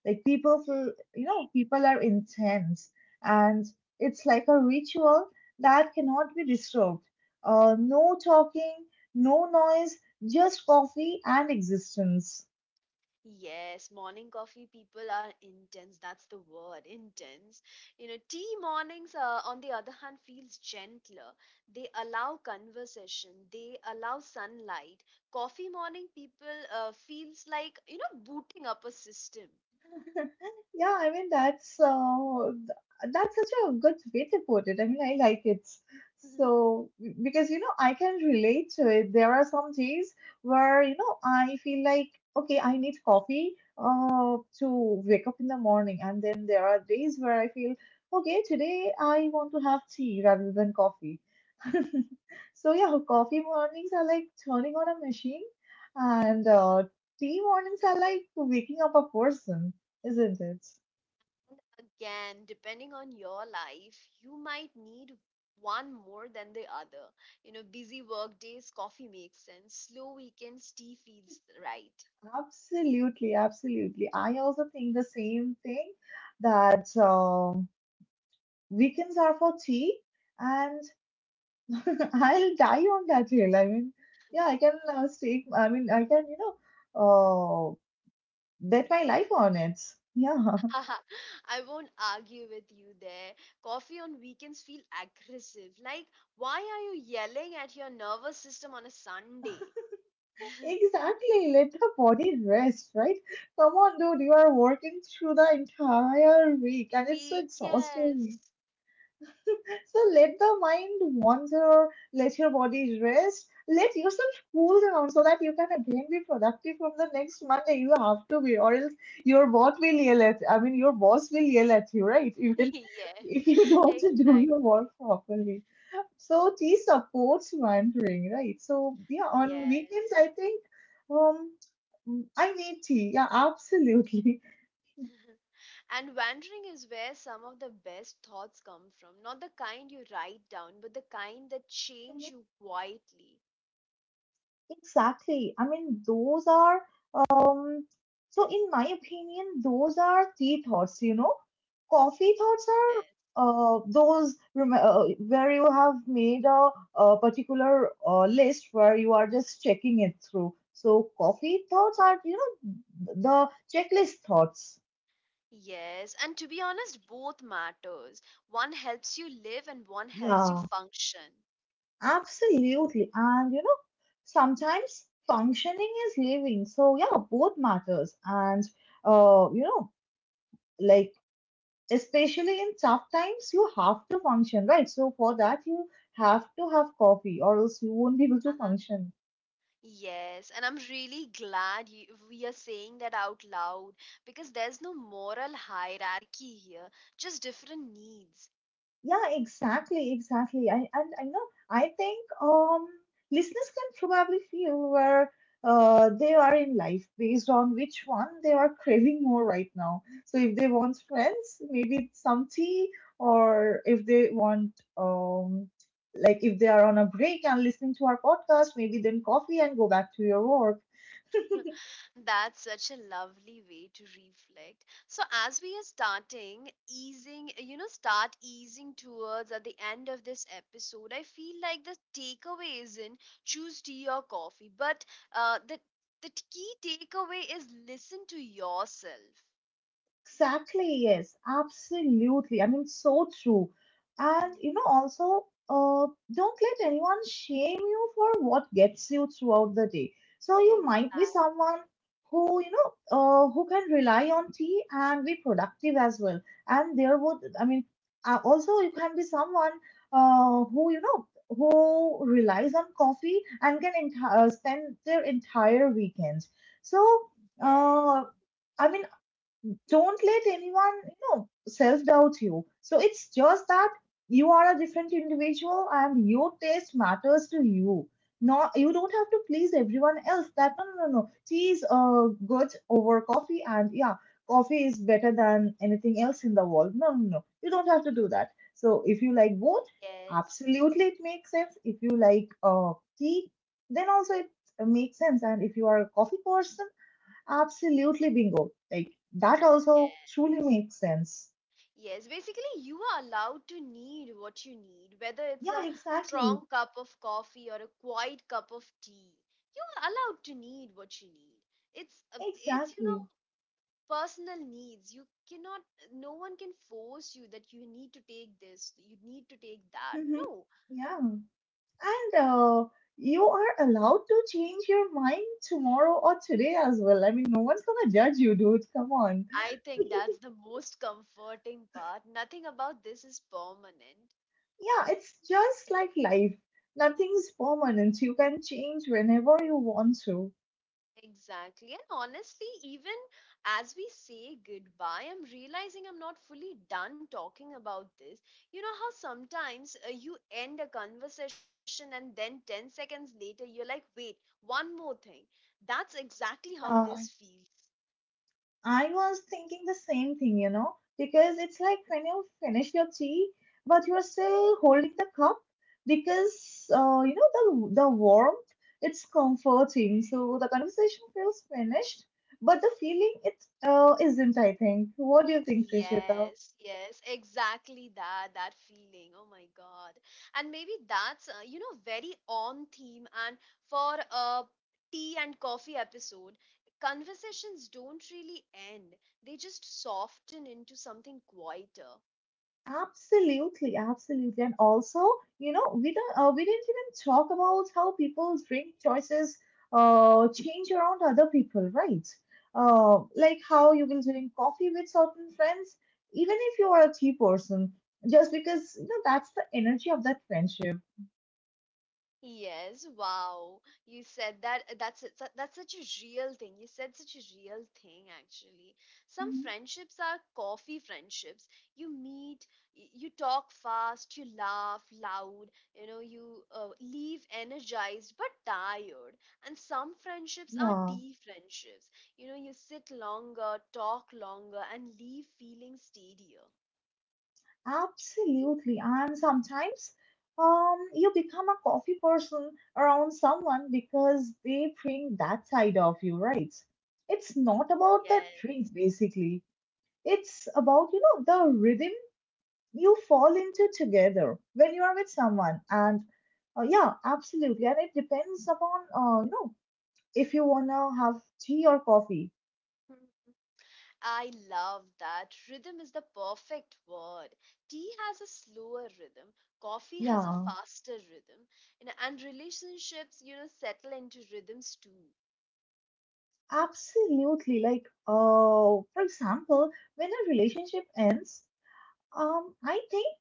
Speaker 2: like people feel, you know, people are intense, and it's like a ritual that cannot be disturbed. No talking, no noise, just coffee and existence.
Speaker 1: Yes, morning coffee people are intense. That's the word, intense. You know, tea mornings, on the other hand, feels gentler. They allow conversation. They allow sunlight. Coffee morning people feels like you know booting up a system.
Speaker 2: Yeah, I mean that's that's such a good way to put it. I mean, I like it. So because you know I can relate to it. There are some days where you know I feel like okay, I need coffee to wake up in the morning, and then there are days where I feel okay, today I want to have tea rather than coffee. So yeah, coffee mornings are like turning on a machine, and tea mornings are like waking up a person, isn't it?
Speaker 1: Again, depending on your life, you might need one more than the other. You know, busy work days, coffee makes sense. Slow weekends, tea feels right.
Speaker 2: Absolutely, absolutely. I also think the same thing that weekends are for tea, and I'll die on that hill. I mean, yeah, I can stake. I mean, I can you know bet my life on it. Yeah,
Speaker 1: I won't argue with you there. Coffee on weekends feel aggressive. Like, why are you yelling at your nervous system on a Sunday?
Speaker 2: exactly. Let the body rest, right? Come on, dude. You are working through the entire week, and it's so
Speaker 1: We,
Speaker 2: exhausting.
Speaker 1: yes.
Speaker 2: So let the mind wander, let your body rest, let yourself cool down so that you can again be productive from the next Monday. You have to be, or else your boss will yell at. I mean, your boss will yell at you, right? Even
Speaker 1: Yes,
Speaker 2: if you don't do your
Speaker 1: exactly.
Speaker 2: work properly. So tea supports wandering, right? So yeah, on weekends
Speaker 1: Yes.
Speaker 2: I think um I need tea. Yeah, absolutely.
Speaker 1: And wandering is where some of the best thoughts come from. Not the kind you write down, but the kind that change you quietly.
Speaker 2: Exactly. I mean, those are, Um, so in my opinion, those are tea thoughts, you know. Coffee thoughts are
Speaker 1: Yes.
Speaker 2: where you have made a particular list where you are just checking it through. So coffee thoughts are, you know, the checklist thoughts.
Speaker 1: Yes, and to be honest, both matters. One helps you live and one helps you
Speaker 2: Yeah,
Speaker 1: function.
Speaker 2: absolutely. And, you know, sometimes functioning is living. So yeah, both matters. And, you know, like, especially in tough times, you have to function, right? So for that, you have to have coffee, or else you won't be able to
Speaker 1: Uh-huh.
Speaker 2: function.
Speaker 1: Yes, and I'm really glad we are saying that out loud because there's no moral hierarchy here, just different needs.
Speaker 2: Yeah, exactly, exactly. I and I know. I think listeners can probably feel where they are in life based on which one they are craving more right now. So if they want friends, maybe it's some tea, or if they want um like if they are on a break and listening to our podcast, maybe then coffee and go back to your work.
Speaker 1: That's such a lovely way to reflect. So as we are you know, start easing towards at the end of this episode, I feel like the takeaway isn't choose tea or coffee, but uh, the the key takeaway is listen to yourself.
Speaker 2: Exactly, yes, absolutely. I mean, so true. And
Speaker 1: Mm.
Speaker 2: you know, also, don't let anyone shame you for what gets you throughout the day. So you might be
Speaker 1: Exactly.
Speaker 2: someone who, you know, who can rely on tea and be productive as well. And there would, I mean, also you can be someone who, you know, who relies on coffee and can spend their entire weekend. So, uh,
Speaker 1: Yes.
Speaker 2: I mean, don't let anyone, you know, self doubt you. So it's just that you are a different individual and your taste matters to you. Not, You don't have to please everyone else. That no, no, no, no. Tea is good over coffee, and yeah, coffee is better than anything else in the world. No, no, no. You don't have to do that. So if you like both, absolutely it makes sense. If you like tea, then also it makes sense. And if you are a coffee person, absolutely bingo. Like that
Speaker 1: Yes.
Speaker 2: also truly
Speaker 1: Yes.
Speaker 2: makes sense.
Speaker 1: Yes, basically, you are allowed to need what you need, whether it's
Speaker 2: Yeah,
Speaker 1: a
Speaker 2: exactly.
Speaker 1: strong cup of coffee or a quiet cup of tea. You are allowed to need what you need. It's you know
Speaker 2: Exactly.
Speaker 1: personal needs. You cannot, no one can force you that you need to take this, you need to take that.
Speaker 2: Hmm.
Speaker 1: No.
Speaker 2: Yeah. And You are allowed to change your mind tomorrow or today as well. I mean, no one's gonna judge you, dude. Come on.
Speaker 1: I think that's the most comforting part. Nothing about this is permanent.
Speaker 2: Yeah, it's just like life. Nothing's permanent. You can change whenever you want to.
Speaker 1: Exactly. And honestly, even as we say goodbye, I'm realizing I'm not fully done talking about this. You know how sometimes you end a conversation and then 10 seconds later you're like, wait, one more thing. That's exactly how
Speaker 2: Yeah,
Speaker 1: this feels.
Speaker 2: I was thinking the same thing, you know, because it's like when you finish your tea, but you're still holding the cup because you know the warmth, it's comforting. So the conversation feels finished, but the feeling it isn't, I think. What do you think, Trishita?
Speaker 1: Yes, yes, exactly that feeling. Oh my God. And maybe that's you know very on theme, and for a tea and coffee episode, conversations don't really end. They just soften into something quieter.
Speaker 2: Absolutely, absolutely. And also, you know, we didn't even talk about how people's drink choices change around other people, right? Like how you
Speaker 1: Yes.
Speaker 2: will drink coffee with certain friends, even if you are a tea person, just because you know that's the energy of that friendship.
Speaker 1: Yes, wow. You said that that's such a real thing. You said such a real thing actually. Some
Speaker 2: Mhm.
Speaker 1: friendships are coffee friendships. You meet, you talk fast, you laugh loud, you know, you leave energized but tired. And some friendships are
Speaker 2: Yeah.
Speaker 1: tea friendships. You know, you sit longer, talk longer and leave feeling steadier.
Speaker 2: Absolutely. And sometimes you become a coffee person around someone because they bring that side of you, right? It's not about the drink,
Speaker 1: Yes.
Speaker 2: basically. It's about, you know, the rhythm you fall into together when you are with someone. And Yeah, absolutely. And it depends upon, you know, if you want to have tea or coffee.
Speaker 1: I love that. Rhythm is the perfect word. Tea has a slower rhythm, coffee has a
Speaker 2: Yeah,
Speaker 1: faster rhythm, you know, and relationships, you know, settle into rhythms too.
Speaker 2: absolutely. Like, for example, when a relationship ends, I think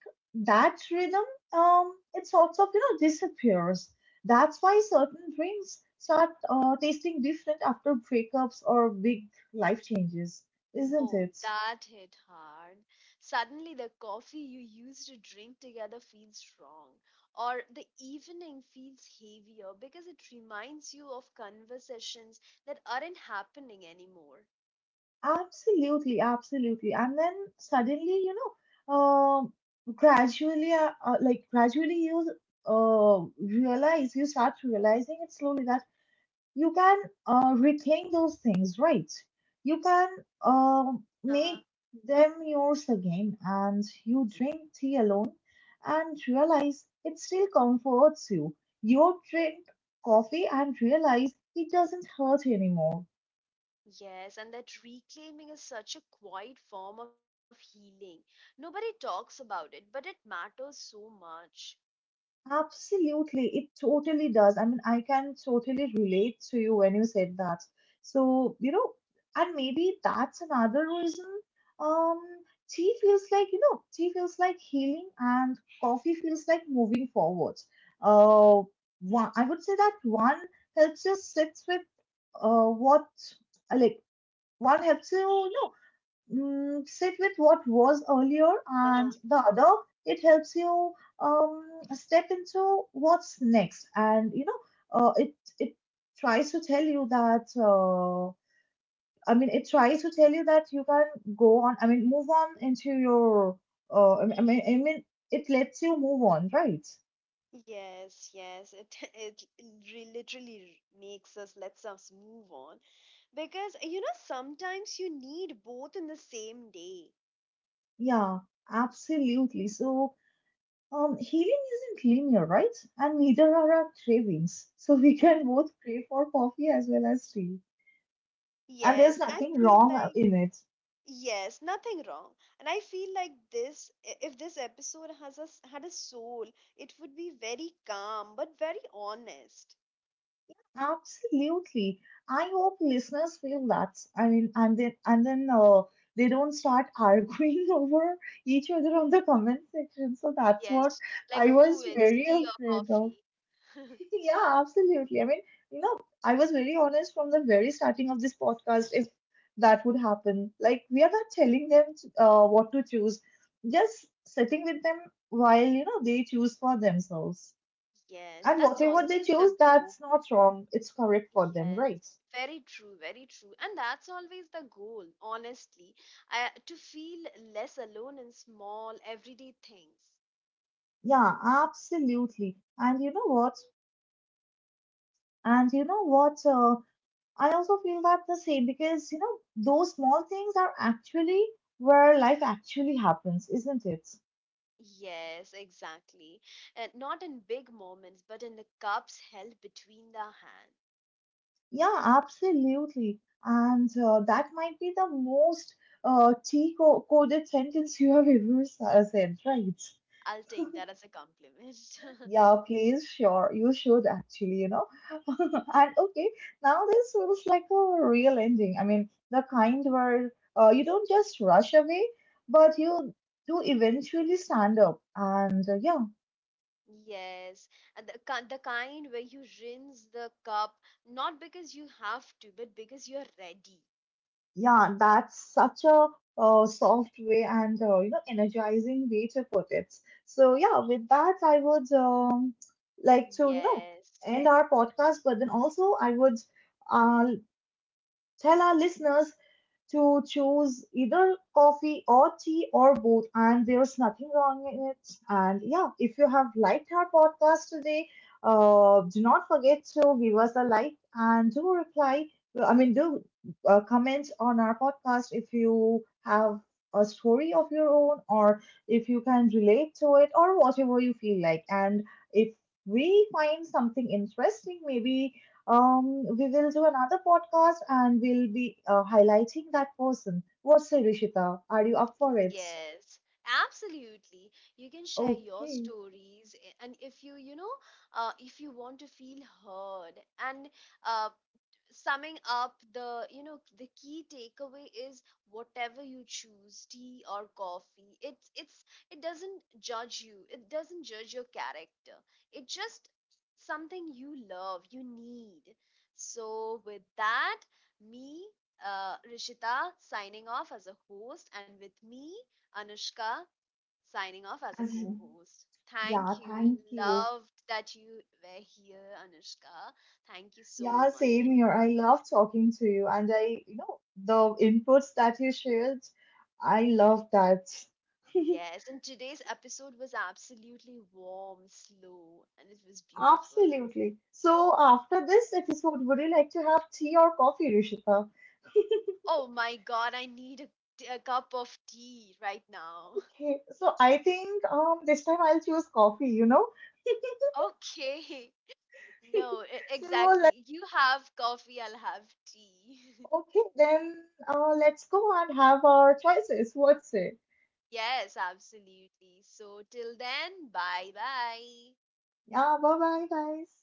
Speaker 2: that rhythm, it sort of, you know, disappears. That's why certain drinks start tasting different after breakups or big life changes, isn't
Speaker 1: Oh,
Speaker 2: it?
Speaker 1: that hit hard. Suddenly, the coffee you used to drink together feels wrong, or the evening feels heavier because it reminds you of conversations that aren't happening anymore.
Speaker 2: Absolutely, absolutely. And then suddenly, you know, gradually, like gradually you start realizing it slowly that you can reclaim those things, right? You can uh, make
Speaker 1: Uh-huh.
Speaker 2: them yours again, and you drink tea alone and realize it still comforts you. You drink coffee and realize it doesn't hurt anymore.
Speaker 1: Yes, and that reclaiming is such a quiet form of healing. Nobody talks about it, but it matters so much.
Speaker 2: Absolutely, it totally does. I mean, I can totally relate to you when you said that. So, you know, and maybe that's another reason. Um, Tea feels like, you know, tea feels like healing and coffee feels like moving forward. Uh, One, I would say that one helps you sit with uh, what, uh, like, one helps you, you know, sit with what was earlier
Speaker 1: Uh-huh.
Speaker 2: and the other it helps you um, step into what's next, and you know it tries to tell you that it tries to tell you that you can go on I mean move on into your uh, i mean i mean it lets you move on, right?
Speaker 1: Yes, yes, it literally makes us lets us move on because you know sometimes you need both in the same day.
Speaker 2: Yeah, absolutely. So healing isn't linear, right? And neither are our cravings. So we can
Speaker 1: Mhm.
Speaker 2: both crave for coffee as well as tea. And there's
Speaker 1: Yes, I
Speaker 2: nothing
Speaker 1: feel
Speaker 2: wrong
Speaker 1: like
Speaker 2: in it.
Speaker 1: yes, nothing wrong, and I feel like if this episode had a soul, it would be very calm but very honest.
Speaker 2: Absolutely. I hope listeners feel that. I mean, and then they don't start arguing over each other on the comment section. So that's what
Speaker 1: Yes, like
Speaker 2: I
Speaker 1: who
Speaker 2: was
Speaker 1: wins
Speaker 2: very
Speaker 1: tea or
Speaker 2: afraid of.
Speaker 1: coffee?
Speaker 2: Yeah, absolutely. I mean, you know, I was very honest from the very starting of this podcast. If that would happen, like we are not telling them what to choose, just sitting with them while you know they choose for themselves.
Speaker 1: Yes,
Speaker 2: And
Speaker 1: that's
Speaker 2: whatever they
Speaker 1: always
Speaker 2: choose,
Speaker 1: the goal.
Speaker 2: that's not wrong. It's correct for them, right?
Speaker 1: Yes, very true, very true. And that's always the goal, honestly, to feel less alone in small, everyday things.
Speaker 2: Yeah, absolutely. And you know what? And you know what? I also feel that the same because, you know, those small things are actually where life actually happens, isn't it?
Speaker 1: Yes, exactly. And not in big moments, but in the cups held between the hand.
Speaker 2: Yeah, absolutely. And That might be the most T-coded sentence you have ever said, right?
Speaker 1: I'll take that as a compliment.
Speaker 2: Yeah, please, sure. You should actually, you know. And okay, now this feels like a real ending. I mean, the kind where you don't just rush away, but you do eventually stand up. And Yeah,
Speaker 1: Yes, and the kind where you rinse the cup not because you have to, but because you're ready.
Speaker 2: yeah, that's such a soft way and you know energizing way to put it. So yeah, with that, I would like to you know
Speaker 1: Yes,
Speaker 2: end our podcast, but then also I would uh, tell our listeners to choose either coffee or tea or both, and there's nothing wrong in it. And yeah, if you have liked our podcast today, do not forget to give us a like and do reply. I mean, do comment on our podcast if you have a story of your own or if you can relate to it or whatever you feel like. And if we find something interesting, maybe we will do another podcast and we'll be highlighting that person. What say, Rishita? Are you up for it?
Speaker 1: yes, absolutely. You can share your
Speaker 2: Okay.
Speaker 1: stories, and if you, you know, if you want to feel heard, and uh, summing up the you know the key takeaway is whatever you choose, tea or coffee, it doesn't judge you, it doesn't judge your character. It's just something you love, you need. So with that, me Rishita, signing off as a host, and with me, Anushka, signing off as a
Speaker 2: As-
Speaker 1: co-host.
Speaker 2: Yeah,
Speaker 1: Thank you.
Speaker 2: thank you.
Speaker 1: Loved that you were here, Anushka. Thank you so
Speaker 2: Yeah,
Speaker 1: much.
Speaker 2: same
Speaker 1: Thank
Speaker 2: here. I love talking to you, and I, you know, the inputs that you shared, I love that.
Speaker 1: Yes, and today's episode was absolutely warm, slow, and it was beautiful.
Speaker 2: Absolutely. So after this
Speaker 1: That's—
Speaker 2: episode, would you like to have tea or coffee, Rishita?
Speaker 1: Oh my god, I need a, a cup of tea right now.
Speaker 2: Okay. So I think this time I'll choose coffee, you know?
Speaker 1: Okay. No,
Speaker 2: So
Speaker 1: exactly. You have coffee, I'll have tea.
Speaker 2: okay, then let's go and have our choices. What say?
Speaker 1: Yes, absolutely. So till then, bye bye.
Speaker 2: Yeah, bye bye, guys.